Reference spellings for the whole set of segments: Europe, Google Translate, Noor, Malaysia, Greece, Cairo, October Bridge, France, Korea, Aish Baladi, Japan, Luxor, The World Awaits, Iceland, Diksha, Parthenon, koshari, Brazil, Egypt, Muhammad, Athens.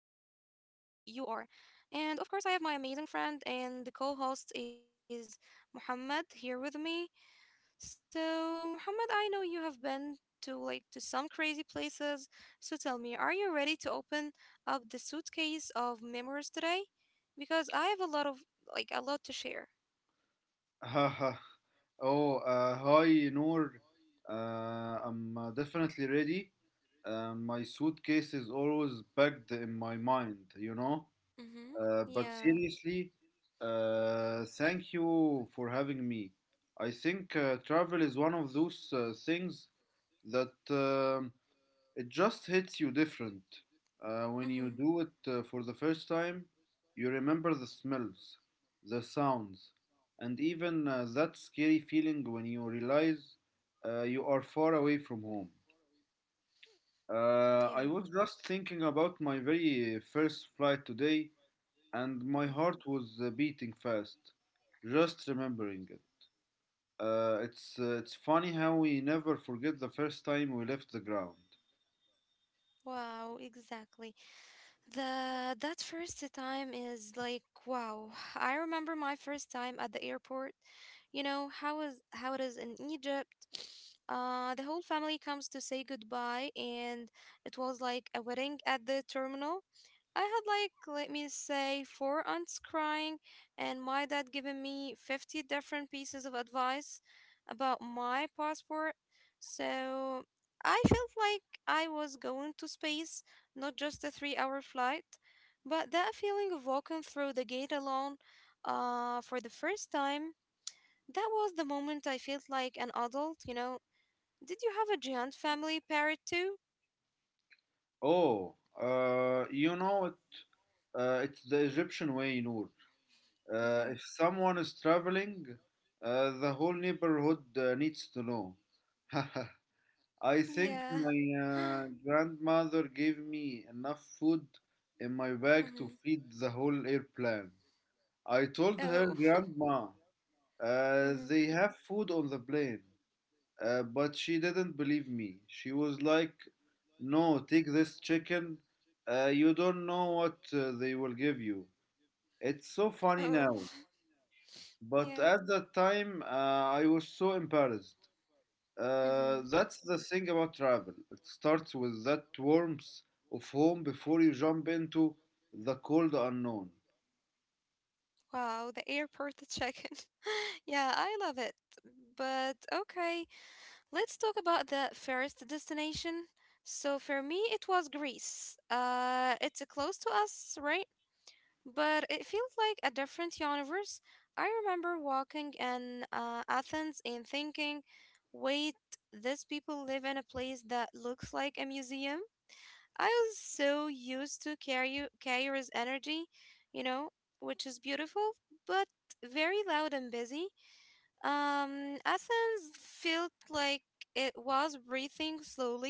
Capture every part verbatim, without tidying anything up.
who you are. And of course, I have my amazing friend and the co-host is Muhammad here with me. So, Muhammad, I know you have been to like to some crazy places. So tell me, are you ready to open up the suitcase of memories today? Because I have a lot of like a lot to share. oh, uh, Hi, Noor. Uh, I'm uh, definitely ready. Uh, my suitcase is always packed in my mind, you know. Mhm. Uh, but Yeah. seriously, uh, thank you for having me. I think uh, travel is one of those uh, things that um It just hits you different. Uh, when you Mhm. do it uh, for the first time, you remember the smells, the sounds, and even uh, that scary feeling when you realize uh, you are far away from home. Uh, Yeah. I was just thinking about my very first flight today, and my Mm. heart was uh, beating fast, just remembering it. Uh, it's, uh, it's funny how we never forget the first time we left the ground. Wow, exactly. The that first time is like wow. I remember my first time at the airport. You know how is how it is in Egypt. Uh, the whole family comes to say goodbye, and it was like a wedding at the terminal. I had like let me say, four aunts crying, and my dad giving me fifty different pieces of advice about my passport. So I felt like I was going to space, not just a three hour flight, but that feeling of walking through the gate alone, uh, for the first time. That was the moment I felt like an adult, you know. Did you have a giant family parrot too? Oh, uh, you know it. Uh, it's the Egyptian way, Noor. Uh, if Mm-hmm. someone is traveling, uh, the whole neighborhood uh, needs to know. I think Yeah. my uh, grandmother gave me enough food in my bag to Mm-hmm. feed the whole airplane. I told her, Oh. Grandma, uh, Mm-hmm. they have food on the plane. Uh, but she didn't believe me. She was like, no, take this chicken. Uh, you don't know what uh, they will give you. It's so funny Oh. now. But Yeah. at that time, uh, I was so embarrassed. Uh, Mm-hmm. That's the thing about travel. It starts with that warmth of home before you jump into the cold unknown. Wow, the airport the in Yeah, I love it. But okay, let's talk about the first destination. So for me, it was Greece. Uh, it's close to us, right? But it feels like a different universe. I remember walking in uh, Athens and thinking, wait, these people live in a place that looks like a museum? I was so used to Cairo, Cairo's energy, you know, which is beautiful, but very loud and busy. Um, Athens felt like it was breathing slowly.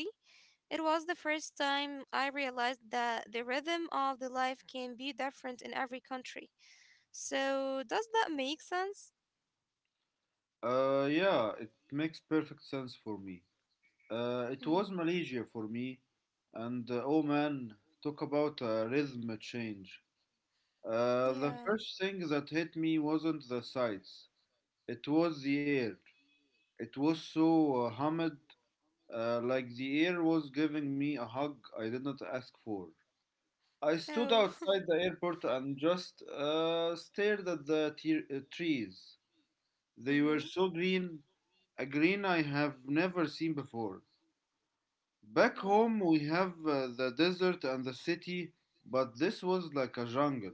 It was the first time I realized that the rhythm of the life can be different in every country. So, does that make sense? Uh, yeah, it makes perfect sense for me. Uh, it Hmm. was Malaysia for me, and uh, oh man, talk about a rhythm change. Uh, the Yeah. first thing that hit me wasn't the sights, it was the air. It was so uh, humid, uh, like the air was giving me a hug I did not ask for. I stood Oh. outside the airport and just uh, stared at the te- uh, trees. They were Hmm. so green, a green I have never seen before. Back Wow. home, we have uh, the desert and the city, but this was like a jungle.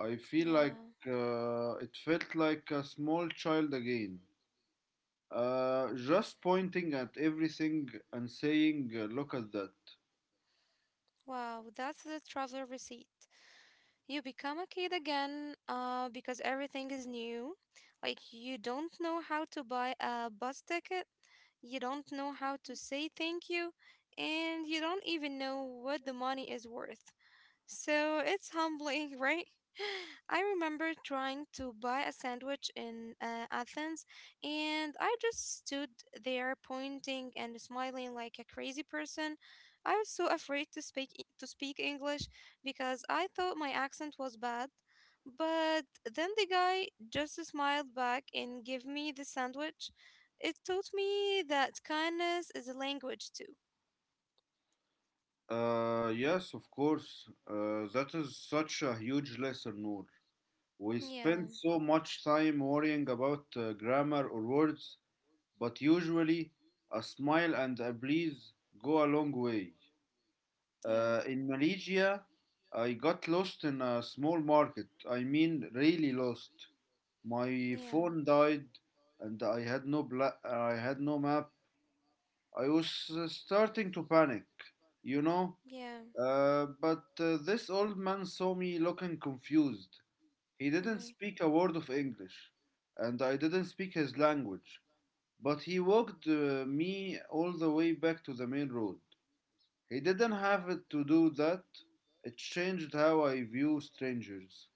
I feel like Yeah. Uh, it felt like a small child again, uh, just pointing at everything and saying, uh, look at that. Wow. That's the traveler receipt. You become a kid again, uh, because everything is new. Like, you don't know how to buy a bus ticket, you don't know how to say thank you, and you don't even know what the money is worth. So it's humbling, right? I remember trying to buy a sandwich in uh, Athens, and I just stood there pointing and smiling like a crazy person. I was so afraid to speak E- to speak English because I thought my accent was bad. But then the guy just smiled back and gave me the sandwich. It taught me that kindness is a language too. Uh, yes, of course. Uh, that is such a huge lesson, Noor. We Yeah, spend so much time worrying about uh, grammar or words, but usually a smile and a please go a long way. Uh, yeah, In Malaysia, I got lost in a small market. I mean, really lost. My yeah, phone died, and I had no bla- I had no map. I was uh, starting to panic, you know. yeah. Uh, but uh, This old man saw me looking confused. He didn't Mm-hmm. speak a word of English, and I didn't speak his language. But he walked uh, me all the way back to the main road. He didn't have it to do that. It changed how I view strangers.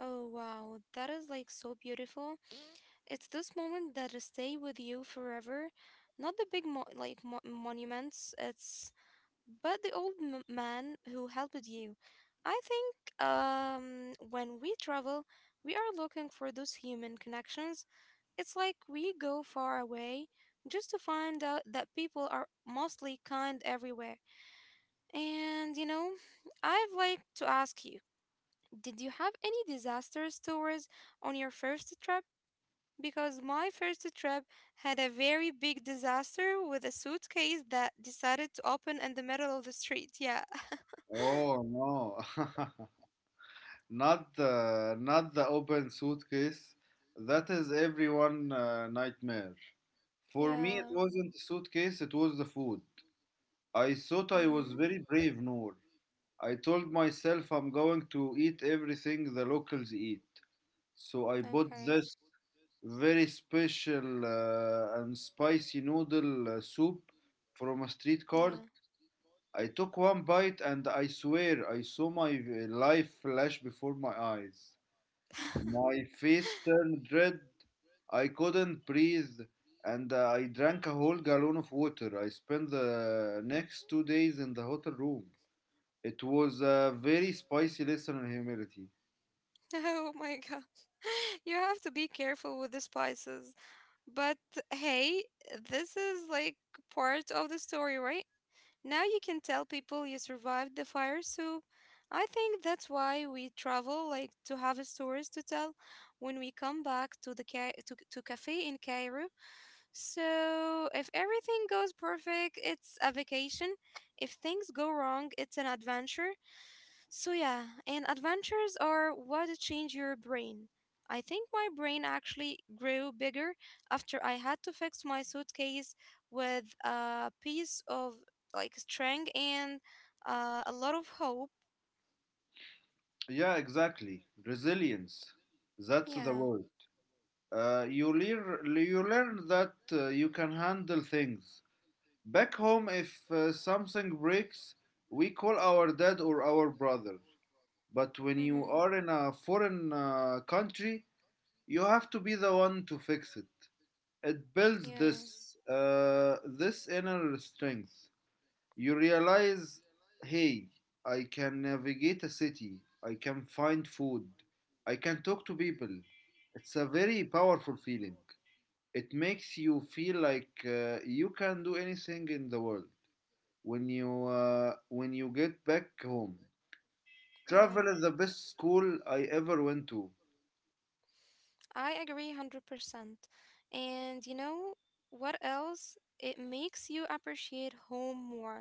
Oh wow, that is like so beautiful. It's this moment that will stay with you forever. Not the big mo- like mo- monuments, it's but the old m- man who helped you. I think um when we travel, we are looking for those human connections. It's like we go far away just to find out that people are mostly kind everywhere. And you know, I've like to ask you, did you have any disaster stories on your first trip? Because my first trip had a very big disaster with a suitcase that decided to open in the middle of the street. Yeah. Oh no. Not the not the open suitcase. That is everyone uh, nightmare. For me it Yeah. wasn't the suitcase, it was the food. I thought I was Mhm. very brave, Noor. I told myself I'm going to eat everything the locals eat. So I bought Okay. this very special uh, and spicy noodle uh, soup from a street Yeah. cart. I took one bite and I swear I saw my v- life flash before my eyes. My face turned red. I couldn't breathe and uh, I drank a whole gallon of water. I spent the next two days in the hotel room. It was a very spicy lesson in humility. Oh my god. You have to be careful with the spices. But hey, this is like part of the story, right? Now you can tell people you survived the fire, so I think that's why we travel, like to have stories to tell when we come back to the ca- to, to cafe in Cairo. So if everything goes perfect, it's a vacation. If things go wrong, it's an adventure. So yeah, and adventures are what change your brain. I think my brain actually grew bigger after I had to fix my suitcase with a piece of like string and, uh, a lot of hope. Yeah, exactly. Resilience. That's the Yeah. word. Uh, you, lear- you learn that uh, you can handle things. Back home, if uh, something breaks, we call our dad or our brother. But when you Mm-hmm. are in a foreign uh, country, you have to be the one to fix it. It builds Yeah. this uh, this inner strength. You realize, hey, I can navigate a city, I can find food, I can talk to people. It's a very powerful feeling. It makes you feel like uh, you can do anything in the world when you uh, when you get back home. Travel Yeah. is the best school I ever went to. I agree one hundred percent. And you know what else? It makes you appreciate home more.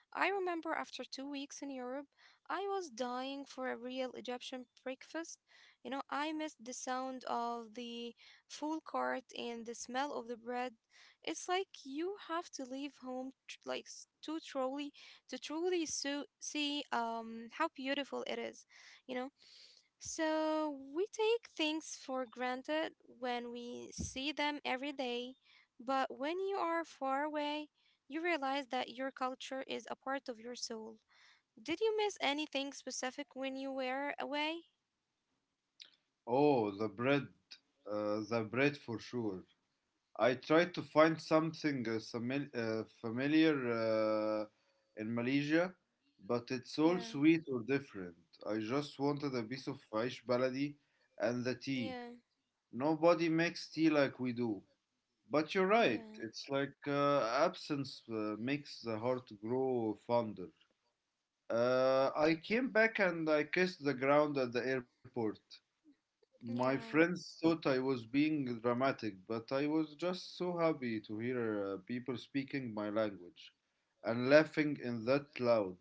I remember after two weeks in Europe, I was dying for a real Egyptian breakfast. You know, I missed the sound of the full cart and the smell of the bread. It's like you have to leave home tr- like s- to truly to truly so- see um how beautiful it is. You know, so we take things for granted when we see them every day, but when you are far away, you realize that your culture is a part of your soul. Did you miss anything specific when you were away? Oh, the bread, uh, the bread for sure. I tried to find something uh, sami- uh, familiar uh, in Malaysia, but it's all Yeah, sweet or different. I just wanted a piece of Aish Baladi and the tea. yeah, Nobody makes tea like we do. But you're right, yeah, it's like uh, absence uh, makes the heart grow fonder. Uh, I came back and I kissed the ground at the airport. My yeah, friends thought I was being dramatic, but I was just so happy to hear uh, people speaking my language and laughing in that loud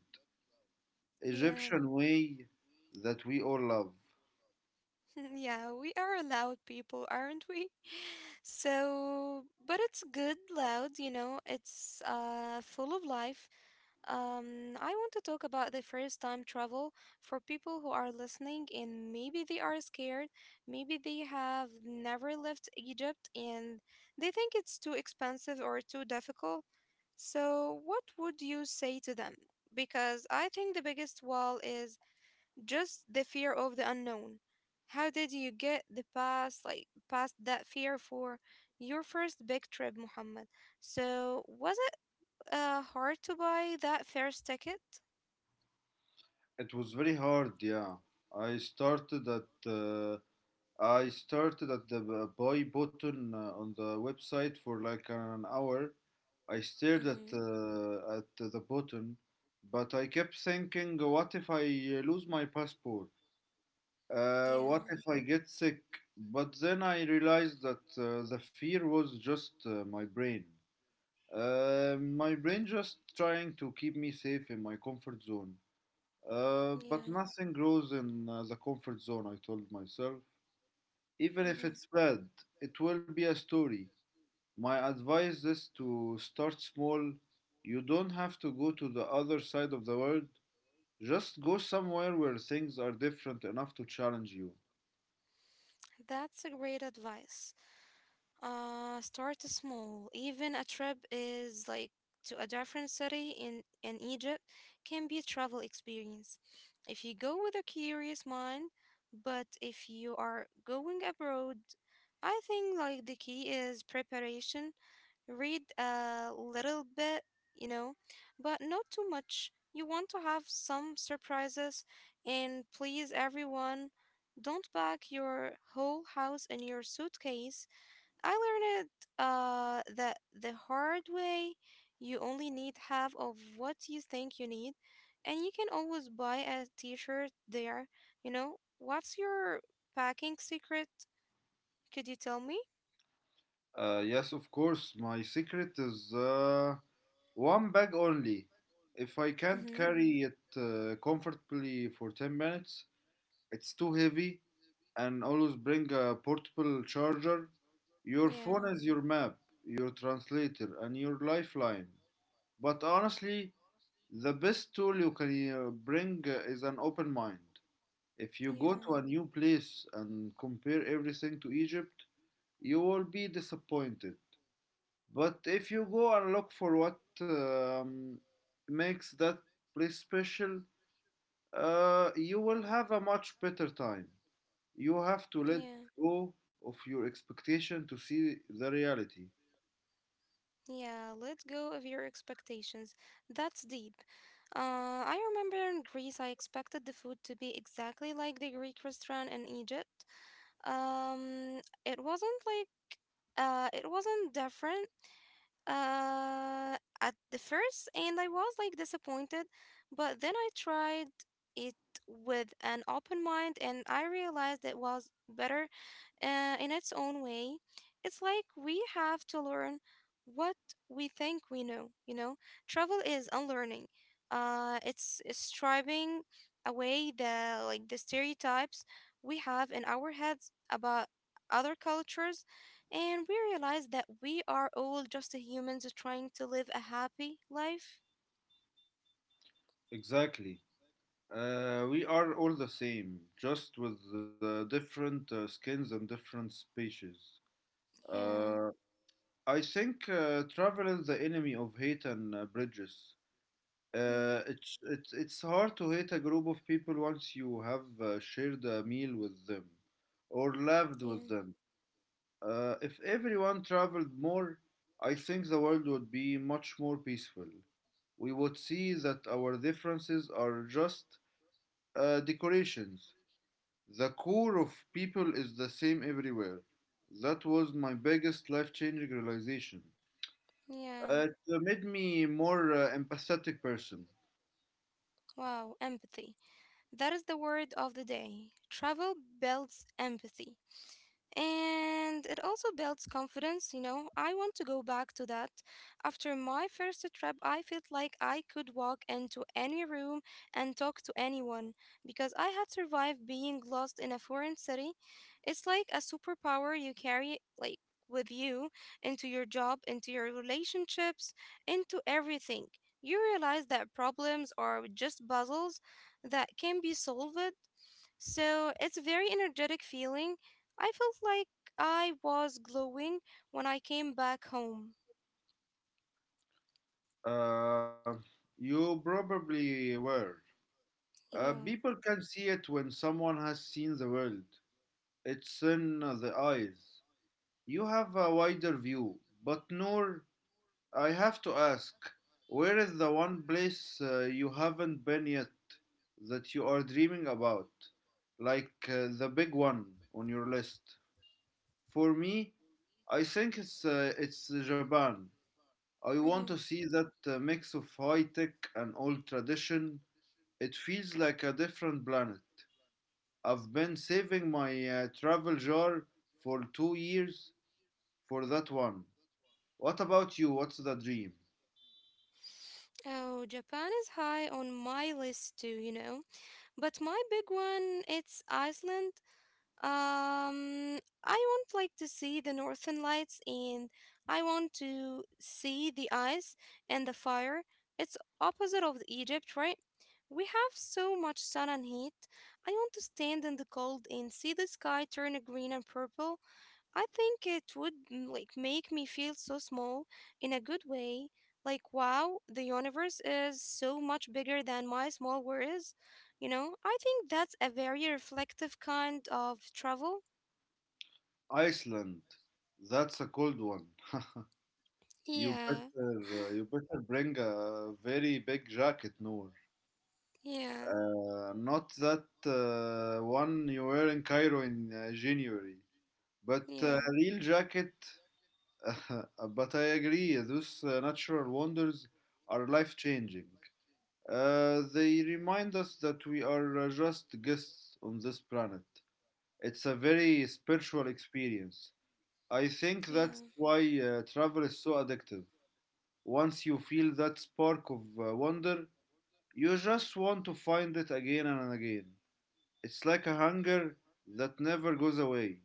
yeah. Egyptian way that we all love. Yeah, we are loud people, aren't we? So, but it's good loud, you know, it's uh full of life. Um, I want to talk about the first time travel for people who are listening and maybe they are scared, maybe they have never left Egypt and they think it's too expensive or too difficult. So, what would you say to them? Because I think the biggest wall is just the fear of the unknown. How did you get the past like past that fear for your first big trip, Muhammad? So was it uh, hard to buy that first ticket? It was very hard, yeah. I started at uh, I started at the b- buy button uh, on the website for like an hour. I stared at Mm-hmm. uh, at the button, but I kept thinking, what if I lose my passport? Uh, what Yeah. if I get sick? But then I realized that uh, the fear was just uh, my brain. Uh, my brain just trying to keep me safe in my comfort zone. Uh, but Yeah. nothing grows in uh, the comfort zone, I told myself. Even if Mm-hmm. it's bad, it will be a story. My advice is to start small. You don't have to go to the other side of the world. Just go somewhere where things are different enough to challenge you. That's a great advice. Uh, start small. Even a trip is like to a different city in, in Egypt can be a travel experience. If you go with a curious mind, but if you are going abroad, I think like the key is preparation. Read a little bit, you know, but not too much. You want to have some surprises. And please everyone, don't pack your whole house in your suitcase. I learned, uh, that the hard way, you only need half of what you think you need, and you can always buy a t shirt there. You know, what's your packing secret? Could you tell me? Uh, yes, of course. My secret is uh, one bag only. If I can't Mm-hmm. carry it uh, comfortably for ten minutes, it's too heavy, and always bring a portable charger. Your Yeah, phone is your map, your translator, and your lifeline. But honestly, the best tool you can uh, bring uh, is an open mind. If you go to yeah, a new place and compare everything to Egypt, you will be disappointed. But if you go and look for what um, makes that place special, uh, you will have a much better time. You have to let yeah, go of your expectation to see the reality. yeah. Let go of your expectations. That's deep. Uh, I remember in Greece, I expected the food to be exactly like the Greek restaurant in Egypt. Um, it wasn't like uh, it wasn't different, uh, at the first, and I was like disappointed, but then I tried it with an open mind and I realized it was better, uh, in its own way. It's like we have to learn what we think we know, you know? Travel is unlearning. Uh, it's, it's striving away the like the stereotypes we have in our heads about other cultures, and we realize that we are all just humans trying to live a happy life. Exactly. Uh, we are all the same, just with uh, different uh, skins and different species. Yeah, Uh, I think uh, travel is the enemy of hate and uh, bridges. mm, Uh, it's it's it's hard to hate a group of people once you have uh, shared a meal with them or lived with yeah, them. Uh, if everyone traveled more, I think the world would be much more peaceful. We would see that our differences are just uh, decorations. The core of people is the same everywhere. That was my biggest life-changing realization. yeah. Uh, it made me more uh, empathetic person. Wow, empathy. That is the word of the day. Travel builds empathy. And it also builds confidence, you know. I want to go back to that. After my first trip, I felt like I could walk into any room and talk to anyone because I had survived being lost in a foreign city. It's like a superpower you carry like with you into your job, into your relationships, into everything. You realize that problems are just puzzles that can be solved, so it's a very energetic feeling. I felt like I was glowing when I came back home. Uh, you probably were. Uh, Yeah. People can see it when someone has seen the world. It's in the eyes. You have a wider view. But Noor, I have to ask, where is the one place uh, you haven't been yet that you are dreaming about? Like uh, the big one on your list. For me, I think it's uh, it's Japan. I want Hmm. to see that uh, mix of high tech and old tradition. It feels like a different planet. I've been saving my uh, travel jar for two years for that one. What about you? What's the dream? Oh, Japan is high on my list too, you know. But my big one, it's Iceland. Um, I want like to see the northern lights, and I want to see the ice and the fire. It's opposite of Egypt, right? We have so much sun and heat. I want to stand in the cold and see the sky turn green and purple. I think it would mm, like make me feel so small in a good way. Like, wow, the universe is so much bigger than my small world is. You know, I think that's a very reflective kind of travel. Iceland. That's a cold one. You better, Yeah. Uh, you better bring a very big jacket, Noor. Yeah. Uh, not that uh, one you wear in Cairo in uh, January, but uh, Yeah. a real jacket. But I agree, those uh, natural wonders are life changing. Uh, they remind us that we are uh, just guests on this planet. It's a very spiritual experience. I think that's Yeah. why uh, travel is so addictive. Once you feel that spark of uh, wonder, you just want to find it again and again. It's like a hunger that never goes away,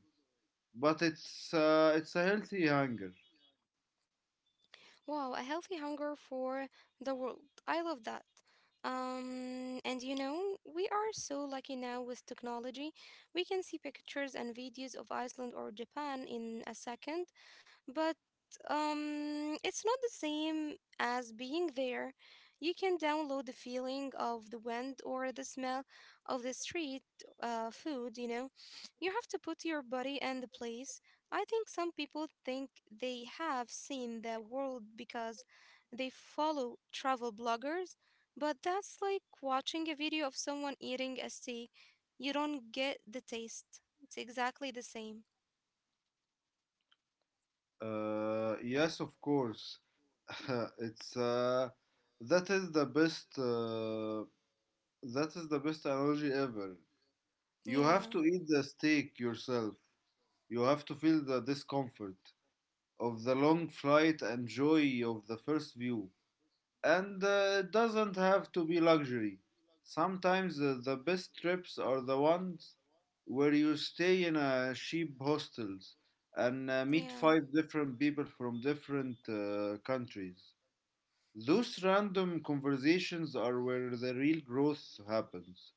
but it's uh, it's a healthy hunger. Wow, a healthy hunger for the world. I love that. Um, and you know, we are so lucky now with technology. We can see pictures and videos of Iceland or Japan in a second, but um it's not the same as being there. You can download the feeling of the wind or the smell of the street, uh, food, you know. You have to put your body in the place. I think some people think they have seen the world because they follow travel bloggers, but that's like watching a video of someone eating a steak. You don't get the taste. It's exactly the same. Uh, yes, of course. it's uh, that is the best uh, That is the best analogy ever. You have Yeah. to eat the steak yourself. You have to feel the discomfort of the long flight and joy of the first view. And uh, it doesn't have to be luxury. Sometimes uh, the best trips are the ones where you stay in a cheap hostels and uh, meet Yeah. five different people from different uh, countries. Those random conversations are where the real growth happens.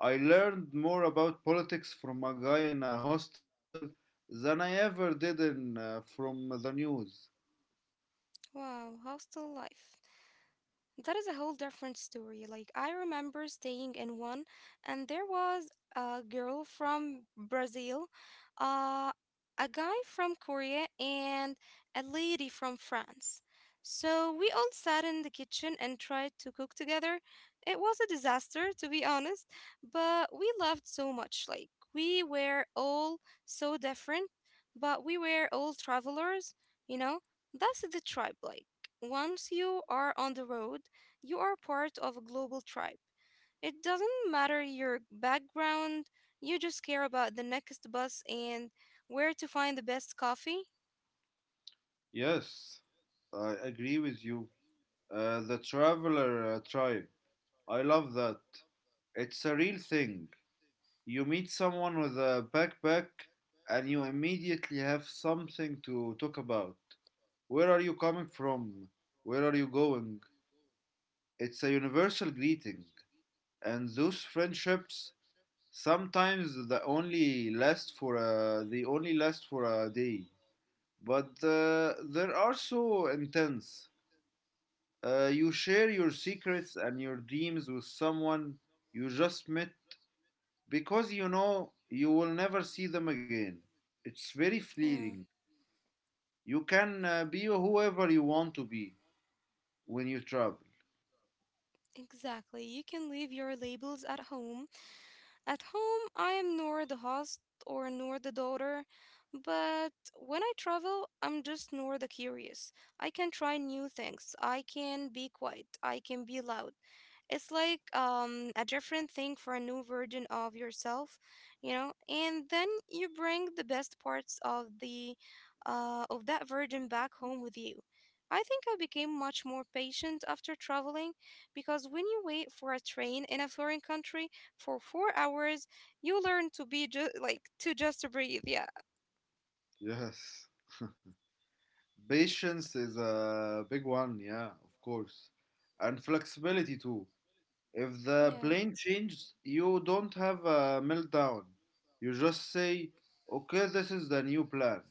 I learned more about politics from a guy in a hostel than I ever did in, uh, from the news. Wow, how's the life. That is a whole different story. Like, I remember staying in one, and there was a girl from Brazil, uh, a guy from Korea, and a lady from France. So we all sat in the kitchen and tried to cook together. It was a disaster, to be honest, but we loved so much. Like, we were all so different, but we were all travelers, you know? That's the tribe, like. Once you are on the road, you are part of a global tribe. It doesn't matter your background, you just care about the next bus and where to find the best coffee. Yes, I agree with you. Uh, the traveler uh, tribe. I love that. It's a real thing. You meet someone with a backpack and you immediately have something to talk about. Where are you coming from? Where are you going? It's a universal greeting. And those friendships Sometimes the only last for a, they only last for a day, but uh, there are so intense. Uh, you share your secrets and your dreams with someone you just met because you know you will never see them again. It's very Yeah. fleeting. You can uh, be whoever you want to be when you travel. Exactly. You can leave your labels at home. At home, I am nor the host or nor the daughter, but when I travel, I'm just nor the curious. I can try new things. I can be quiet. I can be loud. It's like um, a different thing for a new version of yourself, you know. And then you bring the best parts of the uh, of that version back home with you. I think I became much more patient after traveling because when you wait for a train in a foreign country, for four hours, you learn to be just like to just breathe. Yeah. Yes. Patience is a big one, yeah, of course. And flexibility too. If the Yeah. plane changes, you don't have a meltdown. You just say, okay, this is the new plan.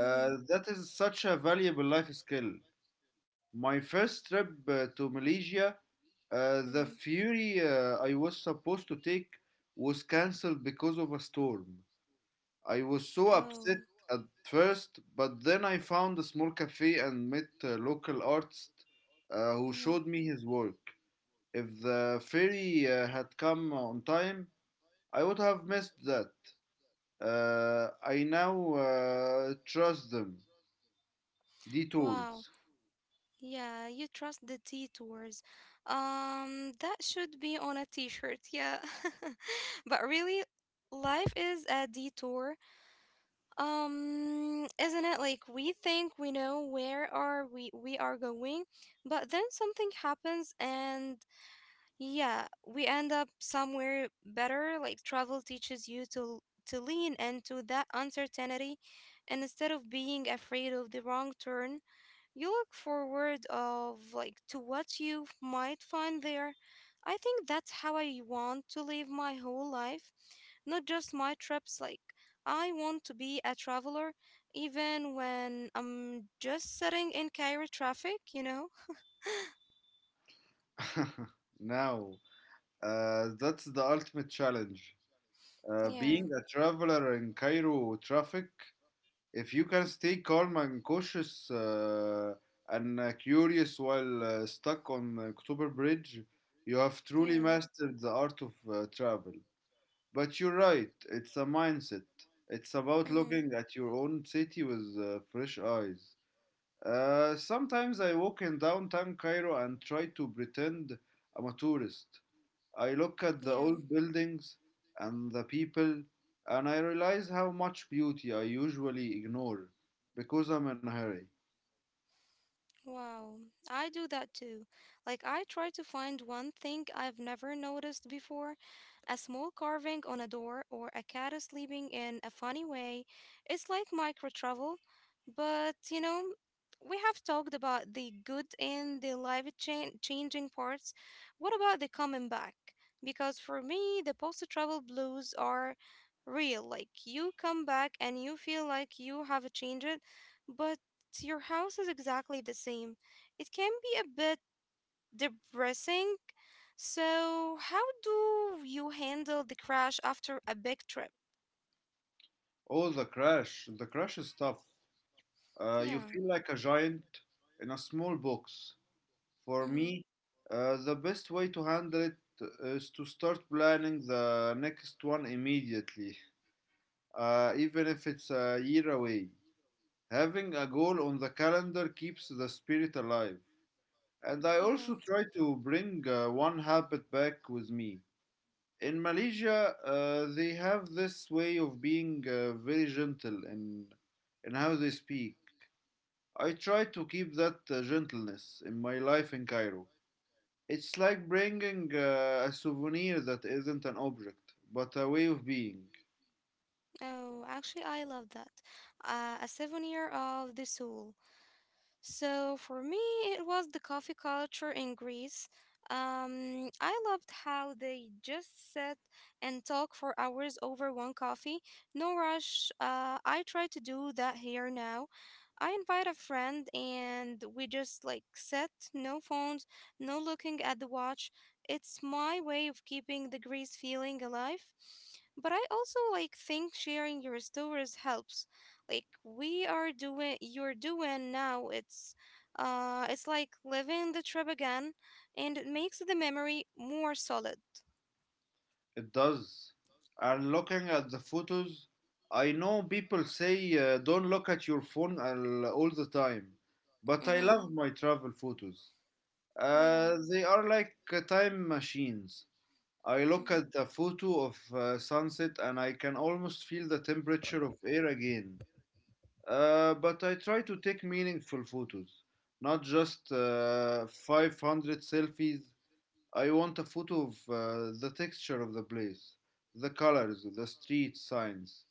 Mm-hmm. that is such a valuable life skill. My first trip uh, to Malaysia, uh, the Mm-hmm. ferry uh, I was supposed to take was cancelled because of a storm. I was so Oh. upset at first, but then I found a small cafe and met a local artist uh, who Mm-hmm. showed me his work. If the ferry uh, had come on time, I would have missed that. Uh, I now uh, trust them. Wow. Detours. Yeah, you trust the detours. Um, that should be on a t-shirt. Yeah. But really, life is a detour. Um, isn't it? Like we think we know where are we we are going, but then something happens and yeah, we end up somewhere better. Like travel teaches you to to lean into that uncertainty, and instead of being afraid of the wrong turn, you look forward of like to what you might find there. I think that's how I want to live my whole life, not just my trips. Like I want to be a traveler, even when I'm just sitting in Cairo traffic. You know? Now, uh, that's the ultimate challenge. Uh, Yeah. being a traveler in Cairo traffic, if you can stay calm and cautious uh, and uh, curious while uh, stuck on October Bridge, you have truly Yeah. mastered the art of uh, travel. But you're right, it's a mindset. It's about looking Mm-hmm. at your own city with uh, fresh eyes. Uh, sometimes I walk in downtown Cairo and try to pretend I'm a tourist. I look at the Yeah. old buildings and the people, and I realize how much beauty I usually ignore because I'm in a hurry. Wow, I do that too. Like, I try to find one thing I've never noticed before. A small carving on a door or a cat sleeping in a funny way. It's like micro travel. But, you know, we have talked about the good and the life chan- changing parts. What about the coming back? Because for me, the post travel blues are real. Like, you come back and you feel like you have changed, but your house is exactly the same, it can be a bit depressing. So, how do you handle the crash after a big trip? All the crash, the crash stuff. Uh, you Yeah. feel like a giant in a small box. For Mm-hmm. me, uh, the best way to handle it uh, is to start planning the next one immediately, uh, even if it's a year away. Having a goal on the calendar keeps the spirit alive. And I Yeah. also try to bring uh, one habit back with me. In Malaysia, uh, they have this way of being uh, very gentle in, in how they speak. I try to keep that uh, gentleness in my life in Cairo. It's like bringing uh, a souvenir that isn't an object, but a way of being. Oh, actually, I love that. Uh, a souvenir of the soul. So for me, it was the coffee culture in Greece. Um, I loved how they just sat and talk for hours over one coffee. No rush. Uh, I try to do that here now. I invite a friend and we just like sit, no phones, no looking at the watch. It's my way of keeping the Greece feeling alive. But I also like think sharing your stories helps, like we are doing you're doing now. It's uh it's like living the trip again, and it makes the memory more solid. It does. And looking at the photos, I know people say uh, don't look at your phone all, all the time, but I Mm-hmm. love my travel photos. Yeah. Uh, they are like uh, time machines. I look Mm-hmm. at the photo of uh, sunset and I can almost feel the temperature of air again. Uh, but I try to take meaningful photos, not just uh, five hundred selfies. I want a photo of uh, the texture of the place, the colors, the street signs,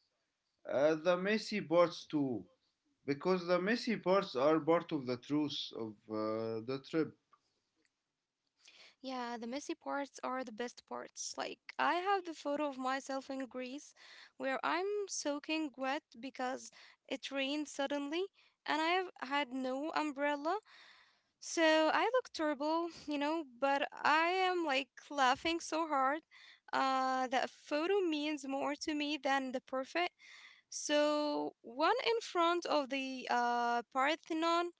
uh, the messy parts too, because the messy parts are part of the truth of uh, the trip. Yeah, the messy parts are the best parts. Like I have the photo of myself in Greece where I'm soaking wet because it rained suddenly and I have had no umbrella. So I look terrible, you know, but I am like laughing so hard. Uh, that photo means more to me than the perfect. So one in front of the uh, Parthenon,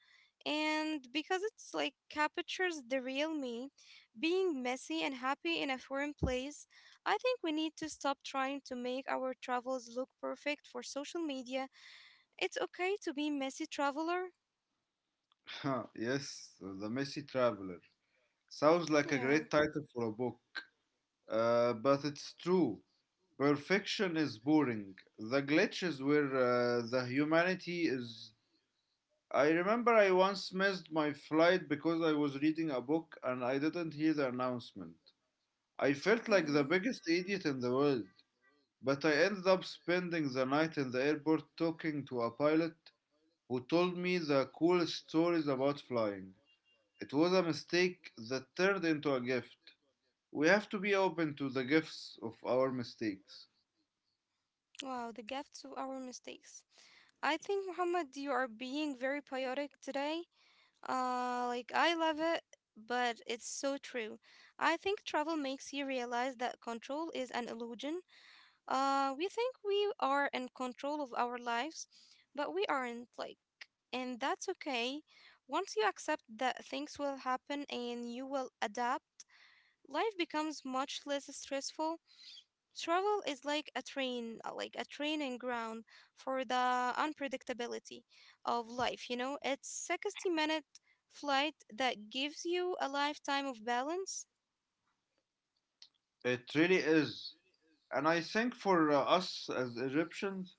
and because it's like captures the real me, being messy and happy in a foreign place, I think we need to stop trying to make our travels look perfect for social media. It's okay to be messy traveler. Yes, the messy traveler. Sounds like a Yeah. great title for a book. Uh, but it's true. Perfection is boring. The glitch is where uh, the humanity is. I remember I once missed my flight because I was reading a book and I didn't hear the announcement. I felt like the Mm-hmm. biggest idiot in the world, but I ended up spending the night in the airport talking to a pilot who told me the coolest stories about flying. It was a mistake that turned into a gift. We have to be open to the gifts of our mistakes. Wow, the gifts of our mistakes. I think, Muhammad, you are being very poetic today. Uh, like, I love it, but it's so true. I think travel makes you realize that control is an illusion. Uh, we think we are in control of our lives, but we aren't, like, and that's okay. Once you accept that things will happen and you will adapt, life becomes much less stressful. Travel is like a train, uh, like a training ground for the unpredictability of life, you know? It's sixty minute flight that gives you a lifetime of balance. It really is. And I think for uh, us as Egyptians,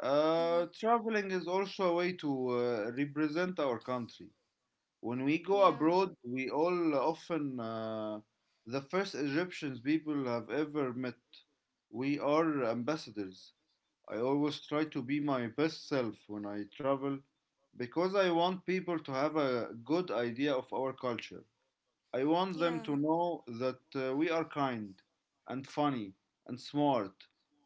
uh, Hmm. traveling is also a way to uh, represent our country. When we go Yeah, abroad, we all often, uh, the first Egyptians people have ever met, we are ambassadors. I always try to be my best self when I travel because I want people to have a good idea of our culture. I want them yeah, to know that uh, we are kind and funny and smart.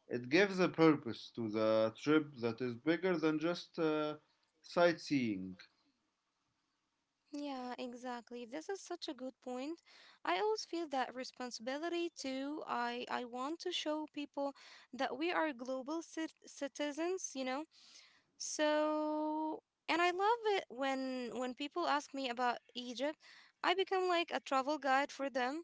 It gives a purpose to the trip that is bigger than just uh, sightseeing. yeah, exactly. This is such a good point. I always feel that responsibility too. I I want to show people that we are global cit- citizens, you know. So, and I love it when when people ask me about Egypt, I become like a travel guide for them.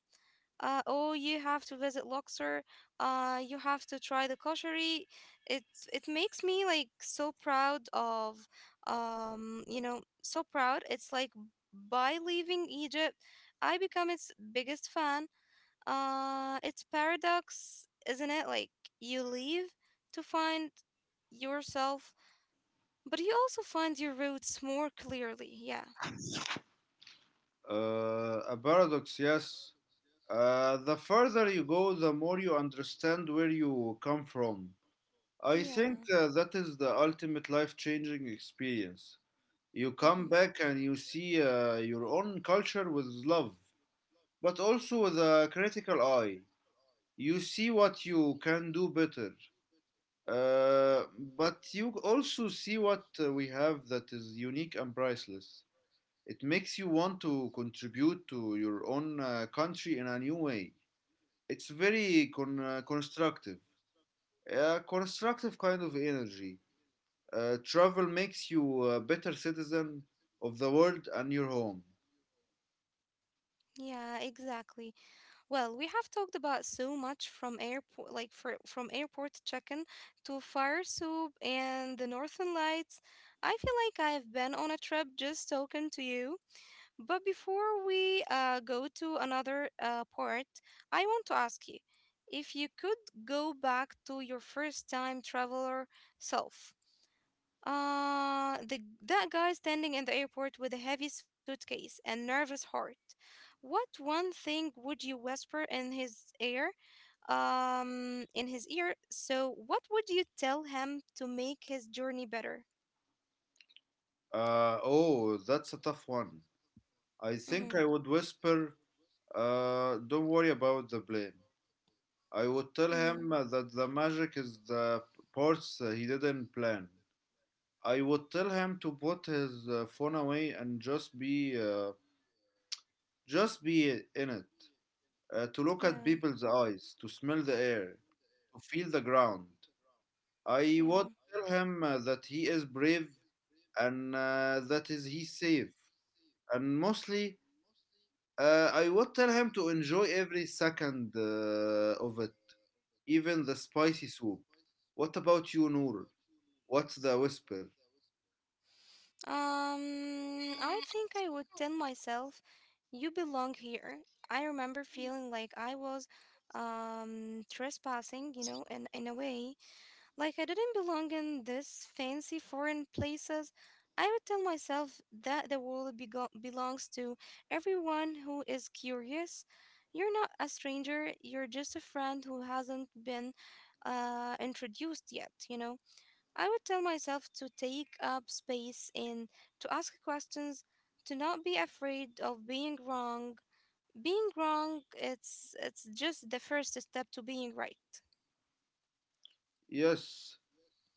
Uh, oh, you have to visit Luxor. Uh, you have to try the koshari. It it makes me like so proud of, um, you know, so proud. It's like by leaving Egypt, I become its biggest fan. Uh, it's paradox, isn't it? Like you leave to find yourself but you also find your roots more clearly. Yeah. Uh, a paradox, yes. Uh, the further you go, the more you understand where you come from. I think Yeah. uh, that is the ultimate life changing experience. You come Hmm. back and you see uh, your own culture with love, but also with a critical eye. You see what you can do better uh, but you also see what uh, we have that is unique and priceless. It makes you want to contribute to your own uh, country in a new way. It's very con- uh, constructive, a constructive kind of energy. Uh, travel makes you a better citizen of the world and your home. Yeah, exactly. Well, we have talked about so much, from airport, like for, from airport check-in to fire soup and the northern lights. I feel like I've been on a trip just talking to you. But before we uh, go to another uh, part, I want to ask you, if you could go back to your first time traveler self, Uh, the that guy standing in the airport with a heavy suitcase and nervous heart. What one thing would you whisper in his ear? Um, in his ear. So, what would you tell him to make his journey better? Uh, oh that's a tough one. I Mm-hmm. think I would whisper, uh, don't worry about the plane. I would tell Mm-hmm. him uh, that the magic is the parts uh, he didn't plan. I would tell him to put his uh, phone away and just be, uh, just be in it. Uh, to look at Yeah. people's eyes, to smell the air, to feel the ground. I would Yeah. tell him uh, that he is brave and uh, that is he safe. And mostly, uh, I would tell him to enjoy every second uh, of it, even the spicy soup. What about you, Noor? What's the whisper? Um, I think I would tell myself, "You belong here." I remember feeling like I was, um, trespassing. You know, in in a way. Like I didn't belong in this fancy foreign places. I would tell myself that the world bego- belongs to everyone who is curious. You're not a stranger, you're just a friend who hasn't been uh, introduced yet, you know? I would tell myself to take up space and to ask questions, to not be afraid of being wrong. Being wrong, it's it's just the first step to being right. Yes,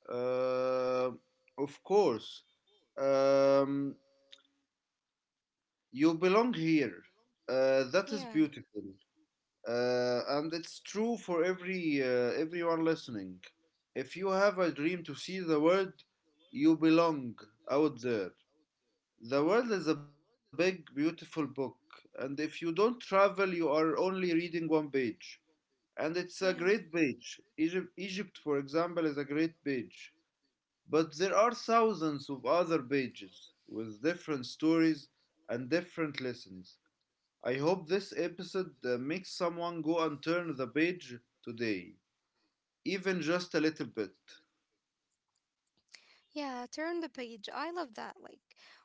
uh, of course. Um, you belong here. Uh, that is Yeah, beautiful, uh, and it's true for every uh, everyone listening. If you have a dream to see the world, you belong out there. The world is a big, beautiful book, and if you don't travel, you are only reading one page. And it's a great yeah. page. Egypt, Egypt, for example, is a great page. But there are thousands of other pages with different stories and different lessons. I hope this episode uh, makes someone go and turn the page today, even just a little bit. Yeah, turn the page. I love that. Like,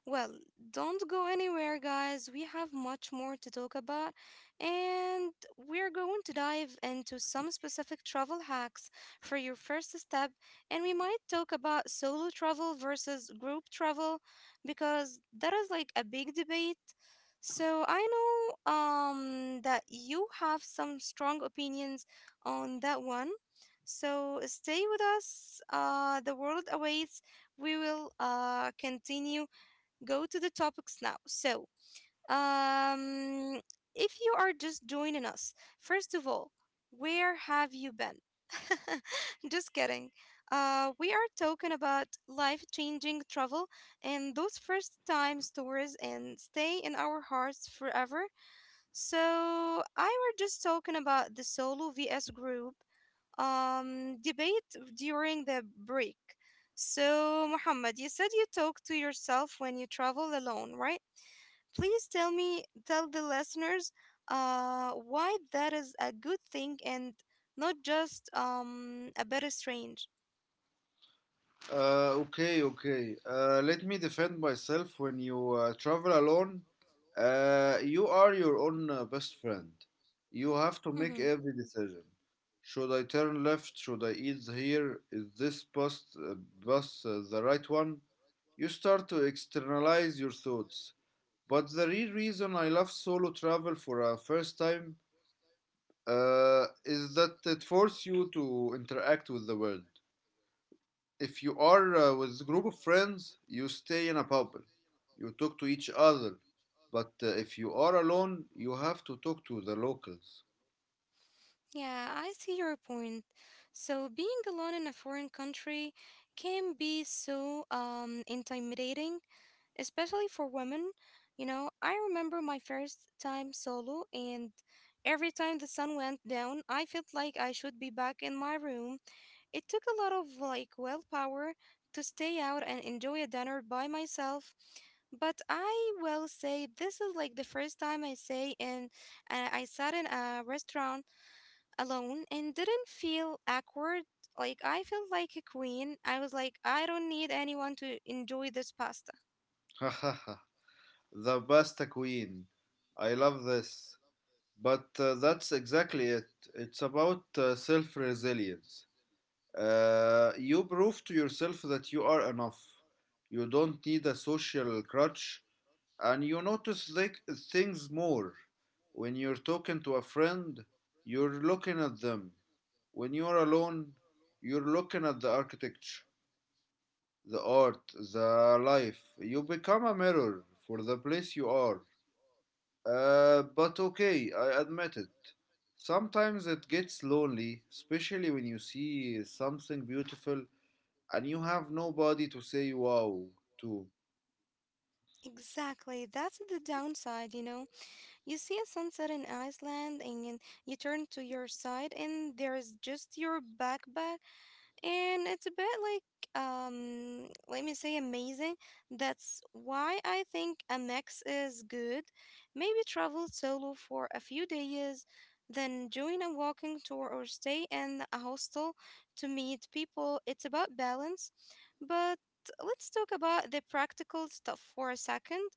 well, don't go anywhere, guys. We have much more to talk about, and we're going to dive into some specific travel hacks for your first step. And we might talk about solo travel versus group travel because that is like a big debate. So I know um that you have some strong opinions on that one. So stay with us. Uh, The world awaits. We will uh, continue. Go to the topics now. So um, if you are just joining us, first of all, where have you been? Just kidding. Uh, we are talking about life changing travel and those first time stories and stay in our hearts forever. So I were just talking about the solo vs group um, debate during the break. So, Muhammad, you said you talk to yourself when you travel alone, right? Please tell me, tell the listeners, uh, why that is a good thing and not just um a bit strange. Uh, okay, okay. Uh, let me defend myself. When you uh, travel alone, uh, you are your own uh, best friend. You have to make Hmm. every decision. Should I turn left? Should I eat here? Is this bus, uh, bus uh, the right one? You start to externalize your thoughts. But the real reason I love solo travel for a first time uh, is that it forces you to interact with the world. If you are uh, with a group of friends, you stay in a bubble. You talk to each other. But uh, if you are alone, you have to talk to the locals. Yeah, I see your point. So being alone in a foreign country can be so um intimidating, especially for women. You know, I remember my first time solo, and every time the sun went down, I felt like I should be back in my room. It took a lot of like willpower to stay out and enjoy a dinner by myself. But I will say this is like the first time I say and uh, I sat in a restaurant alone and didn't feel awkward. Like I felt like a queen. I was like, I don't need anyone to enjoy this pasta. The pasta queen. I love this. But uh, that's exactly it. It's about uh, self resilience. Uh, you prove to yourself that you are enough. You don't need a social crutch, and you notice, like, things more when you're talking to a friend. You're looking at them. When you're alone, you're looking at the architecture, the art, the life. You become a mirror for the place you are. Uh, but okay, I admit it, sometimes it gets lonely, especially when you see something beautiful and you have nobody to say wow to. Exactly. That's the downside, you know. You see a sunset in Iceland and you turn to your side and there's just your backpack and it's a bit like um let me say amazing. That's why I think a mix is good. Maybe travel solo for a few days, then join a walking tour or stay in a hostel to meet people. It's about balance. But let's talk about the practical stuff for a second.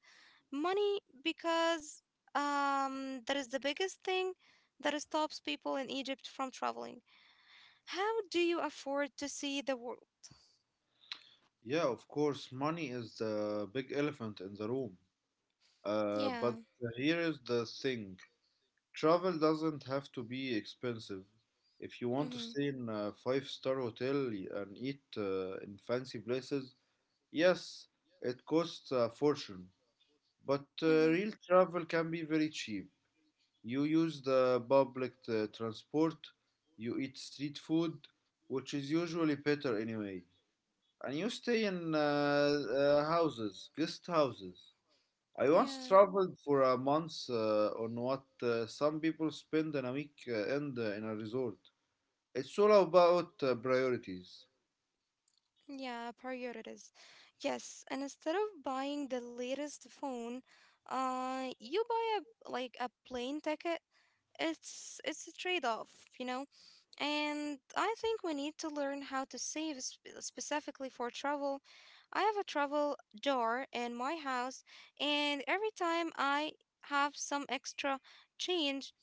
Money, because um, that is the biggest thing that stops people in Egypt from traveling. How do you afford to see the world? Yeah, of course money is the big elephant in the room. Uh, but Yeah. here is the thing. Travel doesn't have to be expensive. If you want to Mm-hmm. stay in a five-star hotel and eat uh, in fancy places, yes, it costs a fortune. But uh, Mm-hmm. real travel can be very cheap. You use the public uh, transport, you eat street food, which is usually better anyway, and you stay in uh, uh, houses, guest houses. I once Yeah. traveled for a month uh, on what uh, some people spend on a week uh, end uh, in a resort. It's all about uh, priorities. Yeah, priorities. Yes, and instead of buying the latest phone, uh, you buy a like a plane ticket. It's it's a trade-off, you know. And I think we need to learn how to save sp- specifically for travel. I have a travel jar in my house, and every time I have some extra change,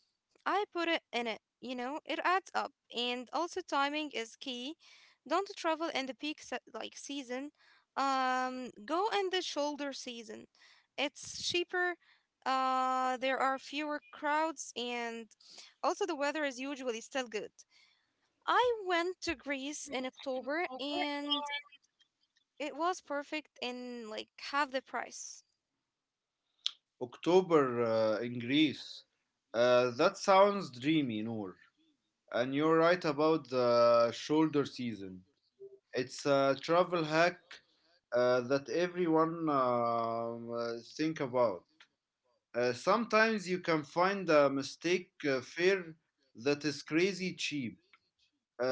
I put it in it. You know, it adds up. And also, timing is key. Don't travel in the peak se- like season. Um, go in the shoulder season. It's cheaper. Uh, there are fewer crowds, and also the weather is usually still good. I went to Greece in October and it was perfect in like half the price. October uh, in Greece. Uh, that sounds dreamy, Noor. And you're right about the shoulder season. It's a travel hack uh, that everyone um, uh, think about. Uh, sometimes you can find a mistake uh, fare that is crazy cheap.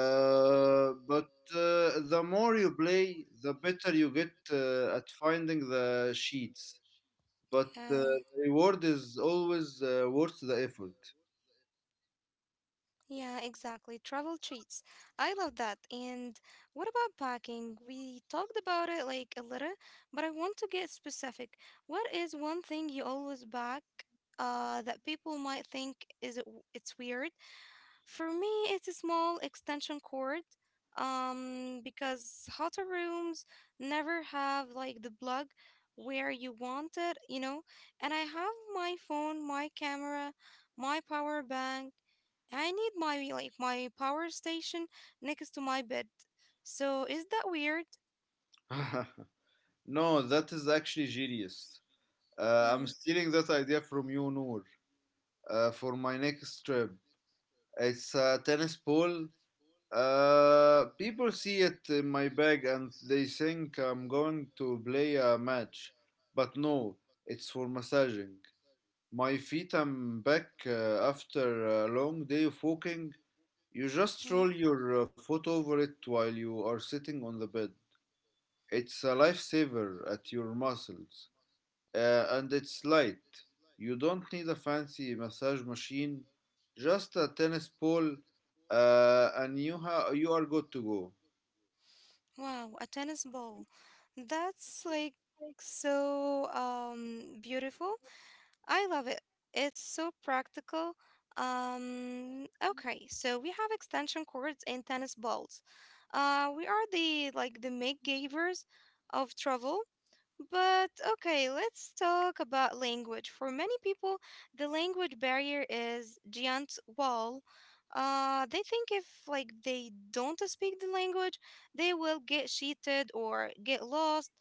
Uh, but uh, the more you play, the better you get uh, at finding the sheets. But Yeah, uh, the reward is always uh, worth the effort. yeah, exactly. Travel cheats. I love that. And what about packing? We talked about it like a little, but I want to get specific. What is one thing you always pack uh that people might think is it, it's weird? For me, it's a small extension cord, um, because hotter rooms never have like the plug where you want it, you know. And I have my phone, my camera, my power bank. I need my like my power station next to my bed. So is that weird? No, that is actually genius. Uh, I'm Mm-hmm. stealing that idea from you, Noor, uh, for my next trip. It's a tennis ball. Uh, people see it in my bag and they think I'm going to play a match. But no, it's for massaging. My feet, I'm back uh, after a long day of walking. You just roll your uh, foot over it while you are sitting on the bed. It's a lifesaver at your muscles. Uh, and it's light. You don't need a fancy massage machine, just a tennis ball, uh, and you, ha- you are good to Wow, a tennis ball. That's like so um beautiful. I love it. It's so practical. Um okay, so we have extension cords and tennis balls. Uh we are the like the make givers of travel. But okay, let's talk about language. For many people, the language barrier is giant wall. Uh, they think if like they don't speak the language, they will get cheated or get lost.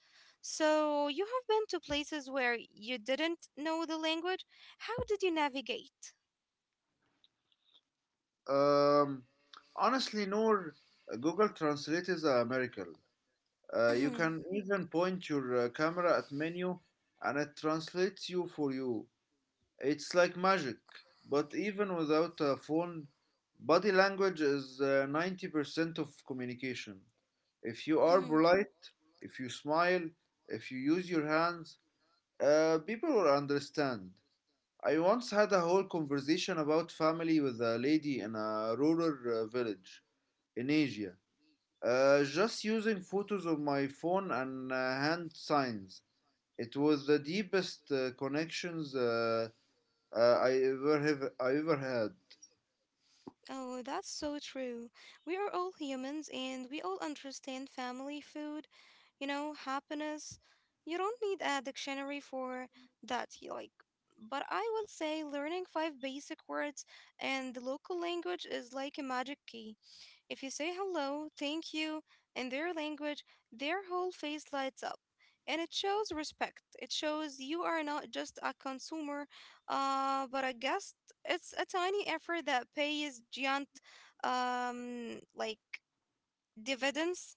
So you have been to places where you didn't know the language. How did you navigate? go. Um, honestly, Noor, Google Translate is a miracle. Uh, you can even point your uh, camera at menu and it translates you for you. It's like magic. But even without a phone, body language is uh, ninety percent of communication. If you are polite, if you smile, if you use your hands, uh, people will understand. I once had a whole conversation about family with a lady in a rural uh, village in Asia. Uh, just using photos of my phone and uh, hand signs. It was the deepest uh, connections uh, uh, I ever have I ever had. Oh, that's so true. We are all humans and we all understand family food, you know, happiness. You don't need a dictionary for that, y- like, but I will say learning five basic words and the local language is like a magic key. If you say hello, thank you in their language, their whole face lights up. And it shows respect. It shows you are not just a consumer, uh, but I guess it's a tiny effort that pays giant, um, like dividends.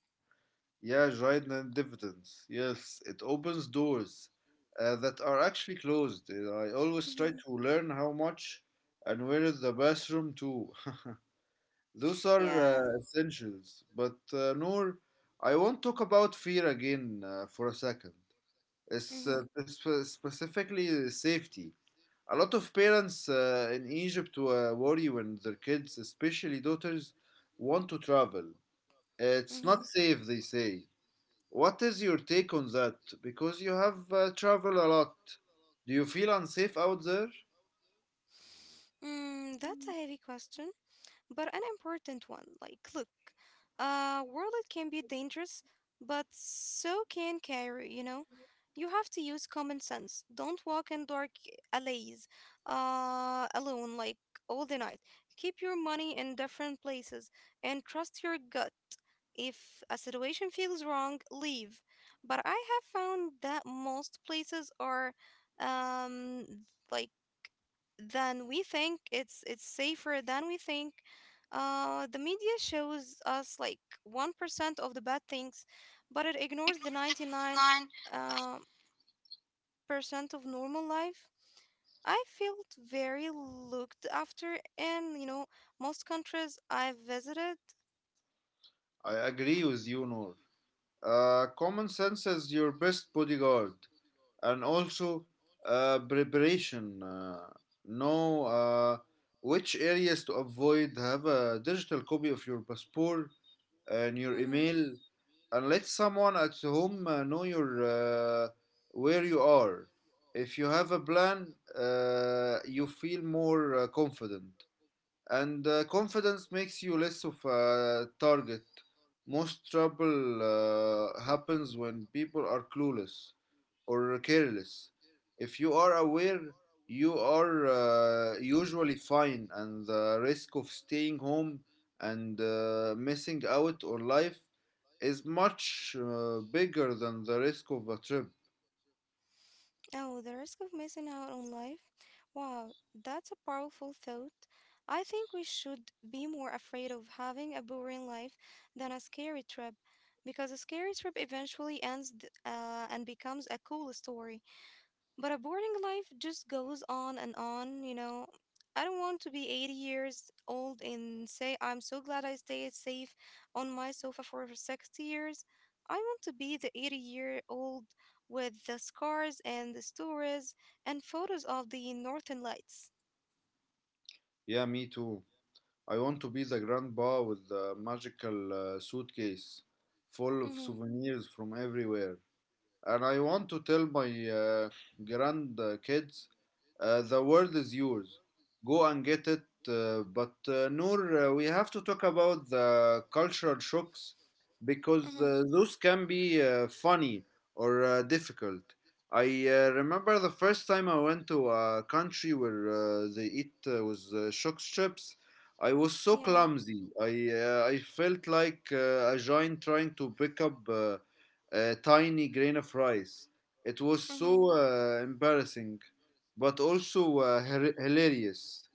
Yeah, right and dividends. Yes, it opens doors uh, that are actually closed. Uh, I always try Hmm. to learn how much and where is the bathroom too. Those are Yeah. uh, essentials. But uh, Noor, I won't talk about fear again uh, for a second. It's Mm-hmm, uh, sp- specifically the safety. A lot of parents uh, in Egypt uh, worry when their kids, especially daughters, want to travel. It's mm-hmm. not safe, they say. What is your take on that? Because you have uh, traveled a lot. Do you feel unsafe out there? Mm, that's a heavy question, but an important one. Like, look, uh, world can be dangerous, but so can carry, you know? You have to use common sense. Don't walk in dark alleys uh, alone, like all the night. Keep your money in different places and trust your gut. If a situation feels wrong, leave. But I have found that most places are, um like, than we think. It's it's safer than we think. Uh, the media shows us like one percent of the bad things, but it ignores the 99 Nine. uh, percent of normal life. I felt very looked after in, you know, most countries I've visited. I agree with you, Noor. Uh, common sense is your best bodyguard, and also uh, preparation. Uh, know uh, which areas to avoid. Have a digital copy of your passport and your Mhm. email, and let someone at home uh, know your uh, where you are. If you have a plan, uh, you feel more uh, confident, and uh, confidence makes you less of a target. Most trouble uh, happens when people are clueless or careless. If you are aware, you are uh, usually fine, and the risk of staying home and uh, missing out on life is much uh, bigger than the risk of a trip. Oh, the risk of missing out on life? Wow, that's a powerful thought. I think we should be more afraid of having a boring life than a scary trip, because a scary trip eventually ends th- uh, and becomes a cool story. But a boring life just goes on and on, you know. I don't want to be eighty years old and say, I'm so glad I stayed safe on my sofa for sixty years. I want to be the eighty year old with the scars and the stories and photos of the northern lights. Yeah, me too. I want to be the grandpa with the magical uh, suitcase full of Mhm, souvenirs from everywhere, and I want to tell my uh, grandkids uh, the world is yours. Go and get it. Uh, but uh, Noor, uh, we have to talk about the cultural shocks because mhm. uh, those can be uh, funny or uh, difficult. I uh, I. remember the first time I went to a country where uh, they eat uh, with uh, shock strips. I was so Yeah. clumsy. I uh, I felt like uh, a giant trying to pick up Uh, a tiny grain of rice. It was Mm-hmm. so uh, embarrassing, but also uh, hir- hilarious.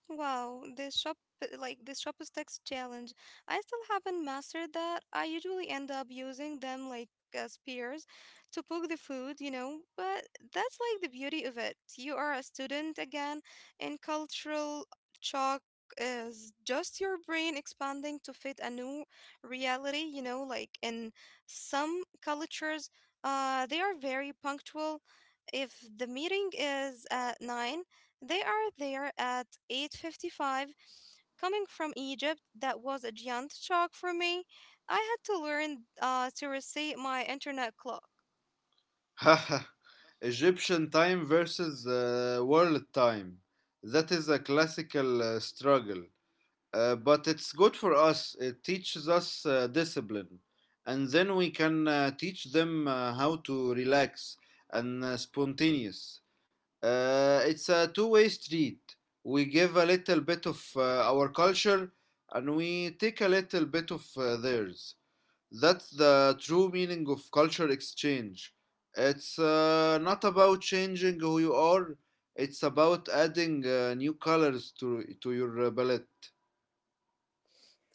Wow, this shop like this chopsticks challenge. I still haven't mastered that. I usually end up using them like uh, spears to poke the food, you know, but that's like the beauty of it. You are a student again and cultural shock is just your brain expanding to fit a new reality, you know, like in some cultures, uh they are very punctual. If the meeting is at nine, they are there at eight fifty-five. Coming from Egypt, that was a giant shock for me. I had to learn uh, to reset my internet clock. Egyptian time versus uh, world time. That is a classical uh, struggle. Uh, but it's good for us. It teaches us uh, discipline. And then we can uh, teach them uh, how to relax and uh, spontaneous. Uh, it's a two-way street. We give a little bit of uh, our culture, and we take a little bit of uh, theirs. That's the true meaning of culture exchange. It's uh, not about changing who you are, it's about adding uh, new colors to, to your uh, palette.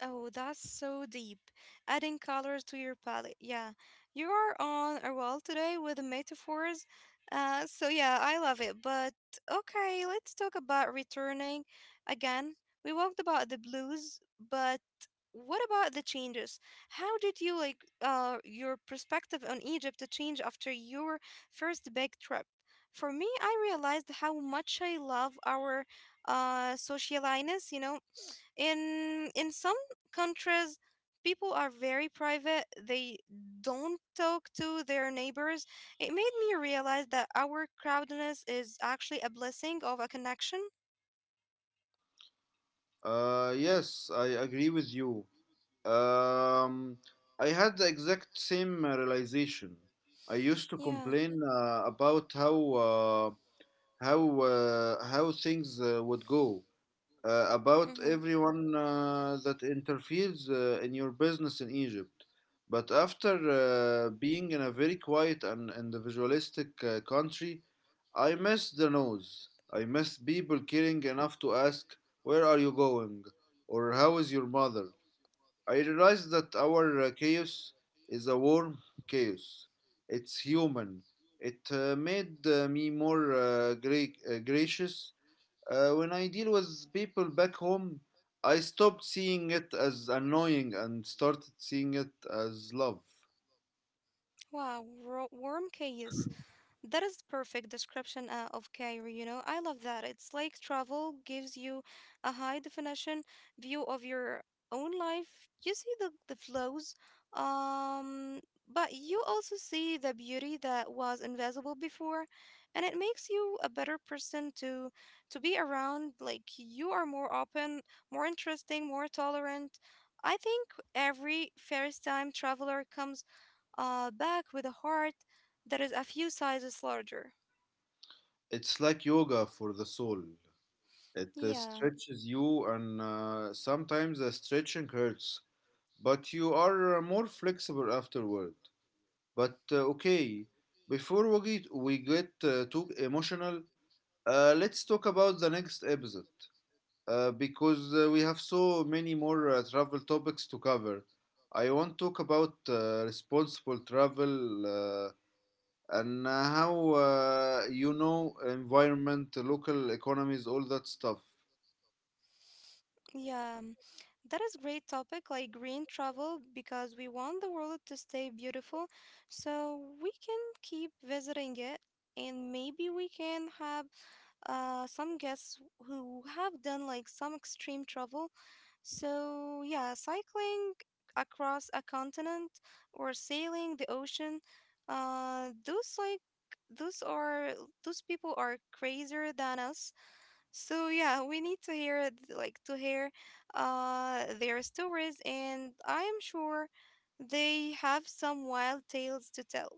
Oh, that's so deep. Adding colors to your palette. Yeah, you are on a roll today with metaphors. Uh, so yeah, I love it. But okay, let's talk about returning again. We talked about the blues, but what about the changes? How did you like uh your perspective on Egypt to change after your first big trip? For me, I realized how much I love our uh socialiness, you know. In in some countries, people are very private. They don't talk to their neighbors. It made me realize that our crowdedness is actually a blessing of a connection. Uh, yes, I agree with you. Um, I had the exact same uh, realization. I used to Yeah. complain uh, about how uh, how uh, how things uh, would go uh, about Mm-hmm. everyone uh, that interferes uh, in your business in Egypt. But after uh, being in a very quiet and individualistic uh, country, I miss the noise. I miss people caring enough to ask, "Where are you going?" or "How is your mother?" I realized that our uh, chaos is a warm chaos. It's human. It uh, made uh, me more uh, gra- uh, gracious. Uh, when I deal with people back home, I stopped seeing it as annoying and started seeing it as love. Wow, ro- warm chaos. That is the perfect description uh, of Cairo, you know. I love that. It's like travel gives you a high definition view of your own life. You see the, the flows, um, but you also see the beauty that was invisible before, and it makes you a better person to to be around. Like you are more open, more interesting, more tolerant. I think every first time traveler comes uh, back with a heart that is a few sizes larger. It's like yoga for the soul. It uh, Yeah. stretches you, and uh, sometimes the stretching hurts, but you are uh, more flexible afterward. But uh, okay, before we get, we get uh, too emotional, uh, let's talk about the next episode uh, because uh, we have so many more uh, travel topics to cover. I want to talk about uh, responsible travel uh, and uh, how uh, you know environment, local economies, all that stuff. Yeah, um, that is great topic like green travel because we want the world to stay beautiful so we can keep visiting it, and maybe we can have uh, some guests who have done like some extreme travel. So yeah, cycling across a continent or sailing the ocean, uh, those like those are those people are crazier than us, so yeah, we need to hear it, like to hear uh their stories, and I am sure they have some wild tales to tell.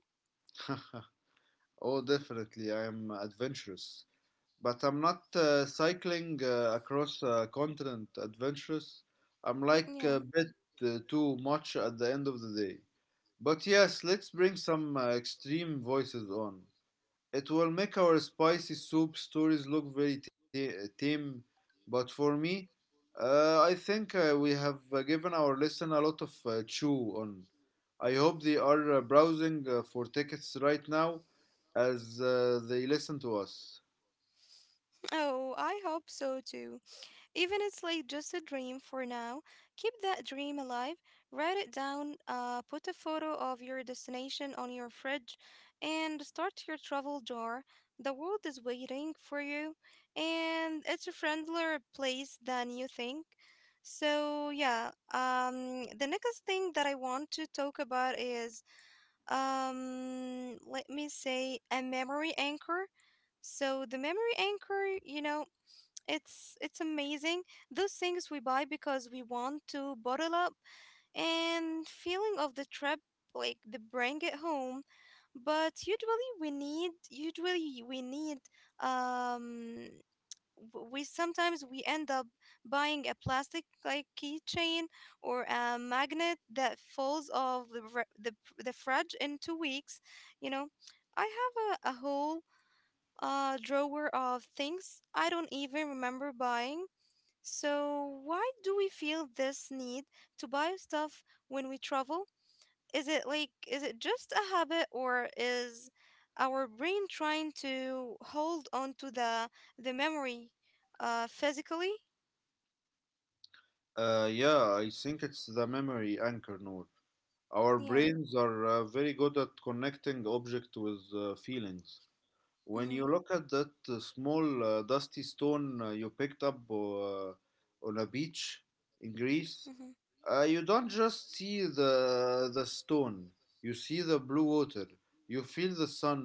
Oh, definitely, I am adventurous. But I'm not uh, cycling uh, across a continent adventurous. I'm like Yeah. a bit uh, too much at the end of the day. But yes, let's bring some uh, extreme voices on. It will make our spicy soup stories look very ta- tame, but for me, uh, I think uh, we have uh, given our listener a lot of uh, chew on. I hope they are uh, browsing uh, for tickets right now as uh, they listen to us. Oh, I hope so too. Even it's like just a dream for now. Keep that dream alive. Write it down. Uh, put a photo of your destination on your fridge, and start your travel jar. The world is waiting for you, and it's a friendlier place than you think. So yeah, um, the next thing that I want to talk about is, um, let me say, a memory anchor. So the memory anchor, you know. It's it's amazing. Those things we buy because we want to bottle up and feeling of the trip like the bring it home. But usually we need usually we need um w- we sometimes we end up buying a plastic like keychain or a magnet that falls off the fr- the, the fridge in two weeks, you know. I have a, a whole uh drawer of things I don't even remember buying. So, why do we feel this need to buy stuff when we travel? Is it like, is it just a habit, or is our brain trying to hold on to the the memory uh physically? Uh, yeah, I think it's the memory anchor, Noor. Our Yeah. brains are uh, very good at connecting object with uh, feelings. When Mm-hmm. you look at that uh, small uh, dusty stone uh, you picked up uh, on a beach in Greece, Mm-hmm. Uh, you don't just see the the stone. You see the blue water. You feel the sun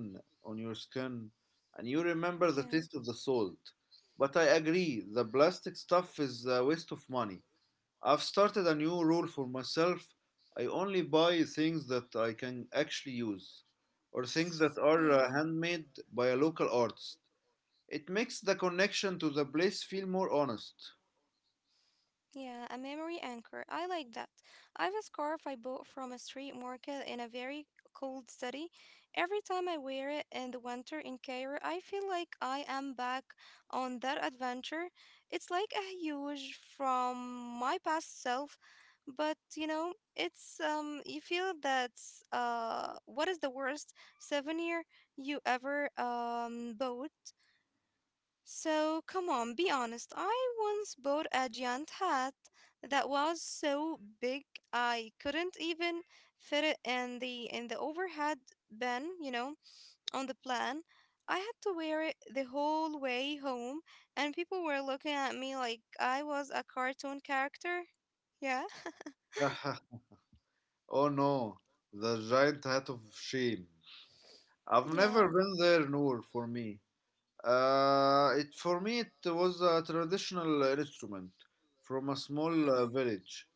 on your skin, and you remember the Yeah. taste of the salt. But I agree, the plastic stuff is a waste of money. I've started a new rule for myself. I only buy things that I can actually use, or things that are uh, Yeah. handmade by a local artist. It makes the connection to the place feel more honest. Yeah, a memory anchor. I like that. I have a scarf I bought from a street market in a very cold city. Every time I wear it in the winter in Cairo, I feel like I am back on that adventure. It's like a huge from my past self, but you know, it's um you feel that's uh what is the worst souvenir you ever um bought? So come on, be honest. I once bought a giant hat that was so big I couldn't even fit it in the in the overhead bin, you know, on the plan. I had to wear it the whole way home, and people were looking at me like I was a cartoon character. Yeah. Oh no, the giant hat of shame. I've never Yeah. been there, Noor. For me, Uh, it for me it was a traditional instrument from a Mhm. small uh, village.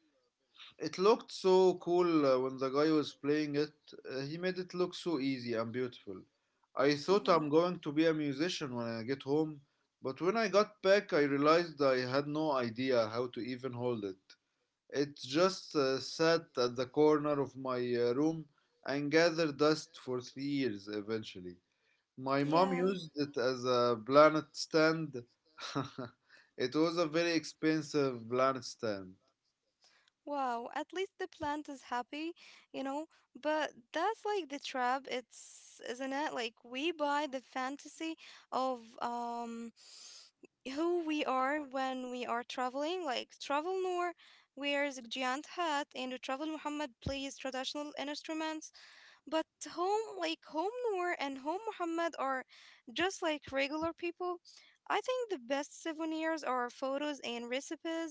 It looked so cool uh, when the guy was playing it. Uh, he made it look so easy and beautiful. I thought Mhm. I'm going to be a musician when I get home, but when I got back, I realized I had no idea how to even hold it. It just uh, sat at the corner of my uh, room and gathered dust for three years eventually. My mom Yeah. used it as a planet stand. It was a very expensive planet stand. Wow, at least the plant is happy, you know? But that's like the trap, it's isn't it? Like we buy the fantasy of um who we are when we are traveling, like travel Noor wears a giant hat and travel Muhammad plays traditional instruments, but home like home Noor and home Muhammad are just like regular people. I think the best souvenirs are photos and recipes.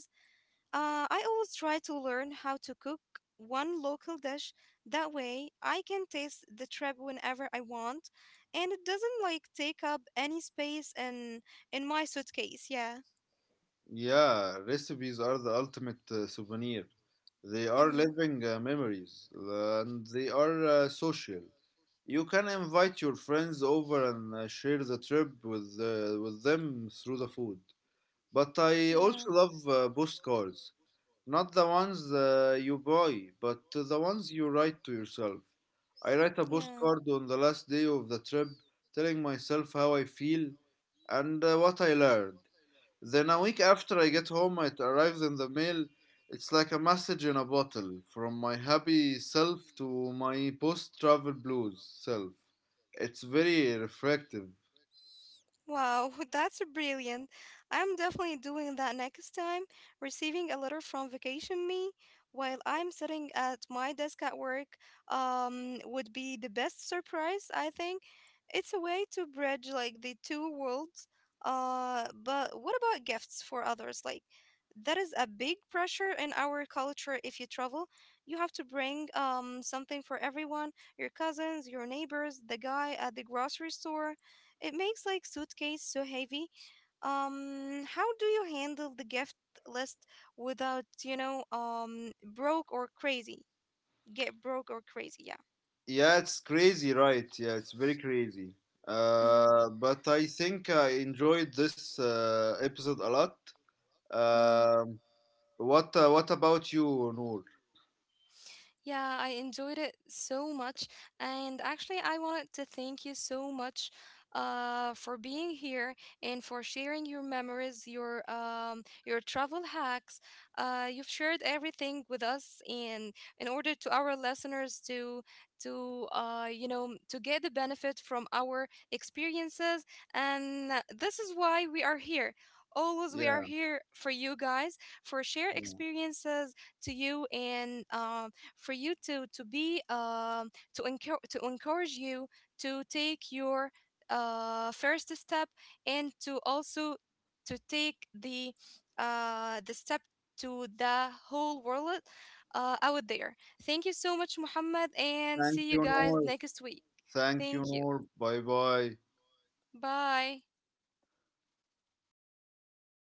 uh, I always try to learn how to cook one local dish. That way, I can taste the trip whenever I want, and it doesn't like take up any space in in my suitcase. Yeah. Yeah, recipes are the ultimate uh, souvenir. They are Mm-hmm. living uh, memories, and they are uh, social. You can invite your friends over and uh, share the trip with, uh, with them through the food. But I Yeah. also love uh, postcards. Not the ones uh, you buy, but the ones you write to yourself. I write a Yeah. postcard on the last day of the trip, telling myself how I feel and uh, what I learned. Then a week after I get home, it arrives in the mail. It's like a message in a bottle from my happy self to my post travel blues self. It's very reflective. Wow, that's brilliant. I'm definitely doing that next time. Receiving a letter from Vacation Me while I'm sitting at my desk at work, um, would be the best surprise, I think. It's a way to bridge like the two worlds. Uh, but what about gifts for others? Like, that is a big pressure in our culture if you travel. You have to bring um something for everyone, your cousins, your neighbors, the guy at the grocery store. It makes like suitcase so heavy. Um, how do you handle the gift list without, you know, um, broke or crazy? Get broke or crazy? Yeah. Yeah, it's crazy, right? Yeah, it's very crazy. Mm-hmm. Uh, but I think I enjoyed this uh, episode a lot. Um, what uh, What about you, Noor? Yeah, I enjoyed it so much. And actually, I wanted to thank you so much uh, for being here and for sharing your memories, your, um, your travel hacks. Uh, you've shared everything with us, and in order to our listeners to to uh, you know to get the benefit from our experiences, and uh, this is why we are here. Always, we are Yeah, here for you guys for share yeah. experiences to you, and um for you to to be, um, to encourage to encourage you to take your uh, first step, and to also to take the uh, the step to the whole world uh, out there. Thank you so much, Muhammad, and Thank see you you, guys Noor. next week. Thank you, Thank you. Noor. Bye bye. Bye.